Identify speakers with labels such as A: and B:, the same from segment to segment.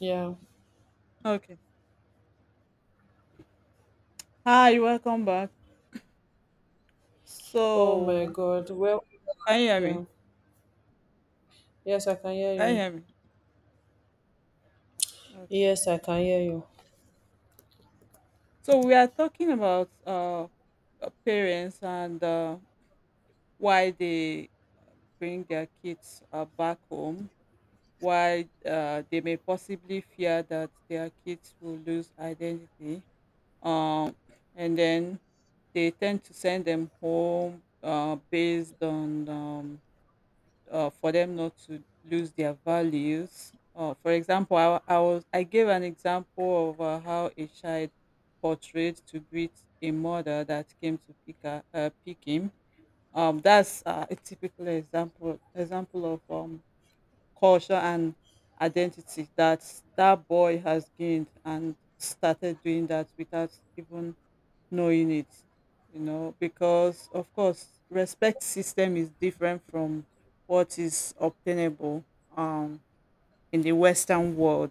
A: Yeah.
B: Okay. Hi, welcome back.
A: Oh my
B: So,
A: God. Well,
B: can you hear
A: yeah.
B: me?
A: Yes, I can hear
B: Can you
A: you.
B: hear me? Okay.
A: Yes, I can hear you.
B: So we are talking about parents and why they bring their kids back home, why they may possibly fear that their kids will lose identity. Um, and then they tend to send them home based on for them not to lose their values. For example, I gave an example of how a child portrayed to greet a mother that came to pick her, pick him. That's a typical example of culture and identity that that boy has gained and started doing that without even knowing it, because of course, respect system is different from what is obtainable um in the western world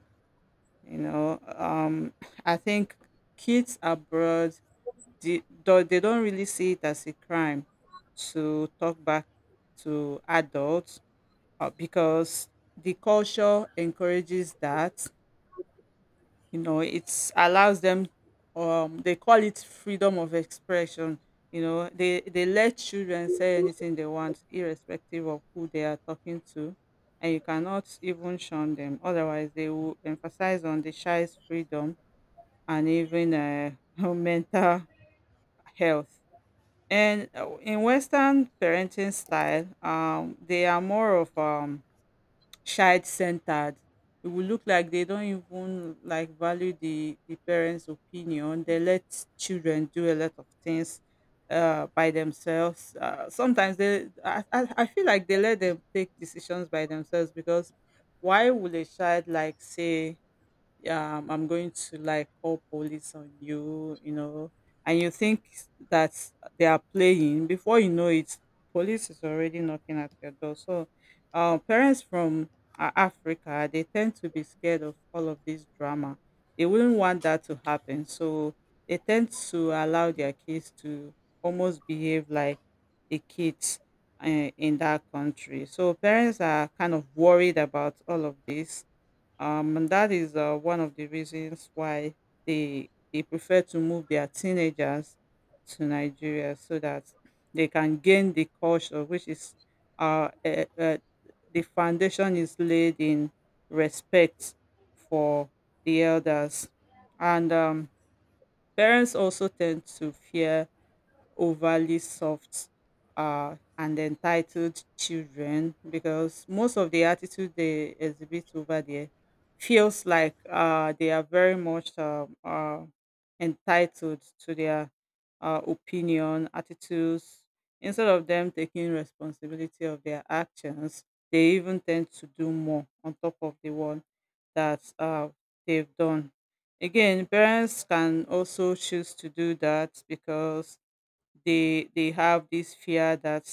B: you know um I think kids abroad, they don't really see it as a crime to talk back to adults, because the culture encourages that. It allows them. They call it freedom of expression. They let children say anything they want irrespective of who they are talking to, and you cannot even shun them, otherwise they will emphasize on the child's freedom and even mental health. And in western parenting style, they are more of child-centered. It will look like they don't even like value the parents opinion. They let children do a lot of things by themselves. Sometimes they I feel like they let them take decisions by themselves, because why would a child like say, yeah, I'm going to like call police on you, and you think that they are playing. Before you know it, police is already knocking at your door. So, parents from Africa, they tend to be scared of all of this drama. They wouldn't want that to happen. So, they tend to allow their kids to almost behave like the kids uh, in that country. So, parents are kind of worried about all of this, and that is one of the reasons why they prefer to move their teenagers to Nigeria so that they can gain the culture, which is uh, uh, uh, the foundation is laid in respect for the elders, and parents also tend to fear overly soft and entitled children, because most of the attitude they exhibit over there feels like they are very much entitled to their opinion, attitudes. Instead of them taking responsibility of their actions, they even tend to do more on top of the one that they've done. Again, parents can also choose to do that because they have this fear that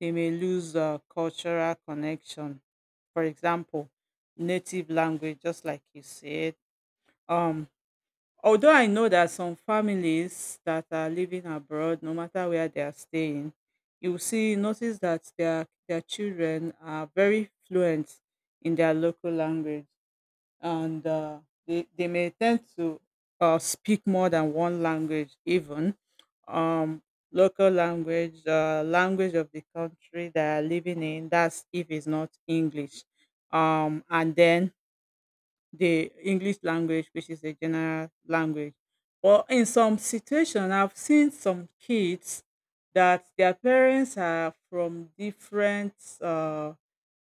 B: they may lose cultural connection. For example, native language, just like you said. um Although I know that some families that are living abroad, no matter where they are staying, you will see, notice that their children are very fluent in their local language, and they may tend to speak more than one language, even um, local language, language of the country they are living in, that's if it's not English. And then the English language, which is a general language. But in some situation, I've seen some kids that their parents are from different uh,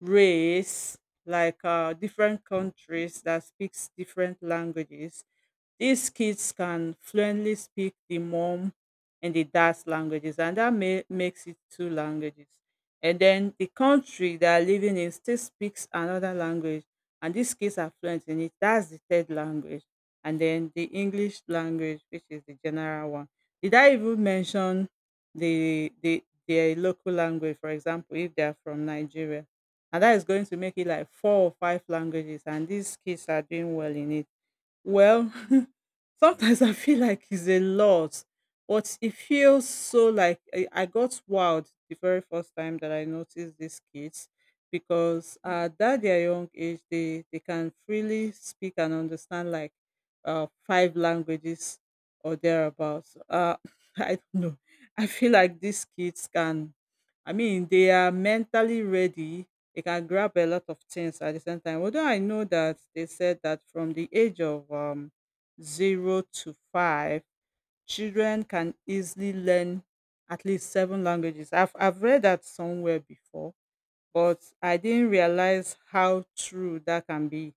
B: race, like different countries that speaks different languages. These kids can fluently speak the mom and the dad's languages, and that makes it two languages. And then the country they are living in still speaks another language, and these kids are fluent in it. That's the third language. And then the English language, which is the general one. Did I even mention the their local language, for example, if they are from Nigeria? And that is going to make it like four or five languages, and these kids are doing well in it. Well, sometimes I feel like it's a lot. But it feels so like I got wowed the very first time that I noticed these kids, because at that their young age, they can freely speak and understand like five languages or thereabouts. I don't know. I feel like these kids can. I mean, they are mentally ready. They can grab a lot of things at the same time. Although I know that they said that from the age of zero to five, children can easily learn at least seven languages. I've read that somewhere before, but I didn't realize how true that can be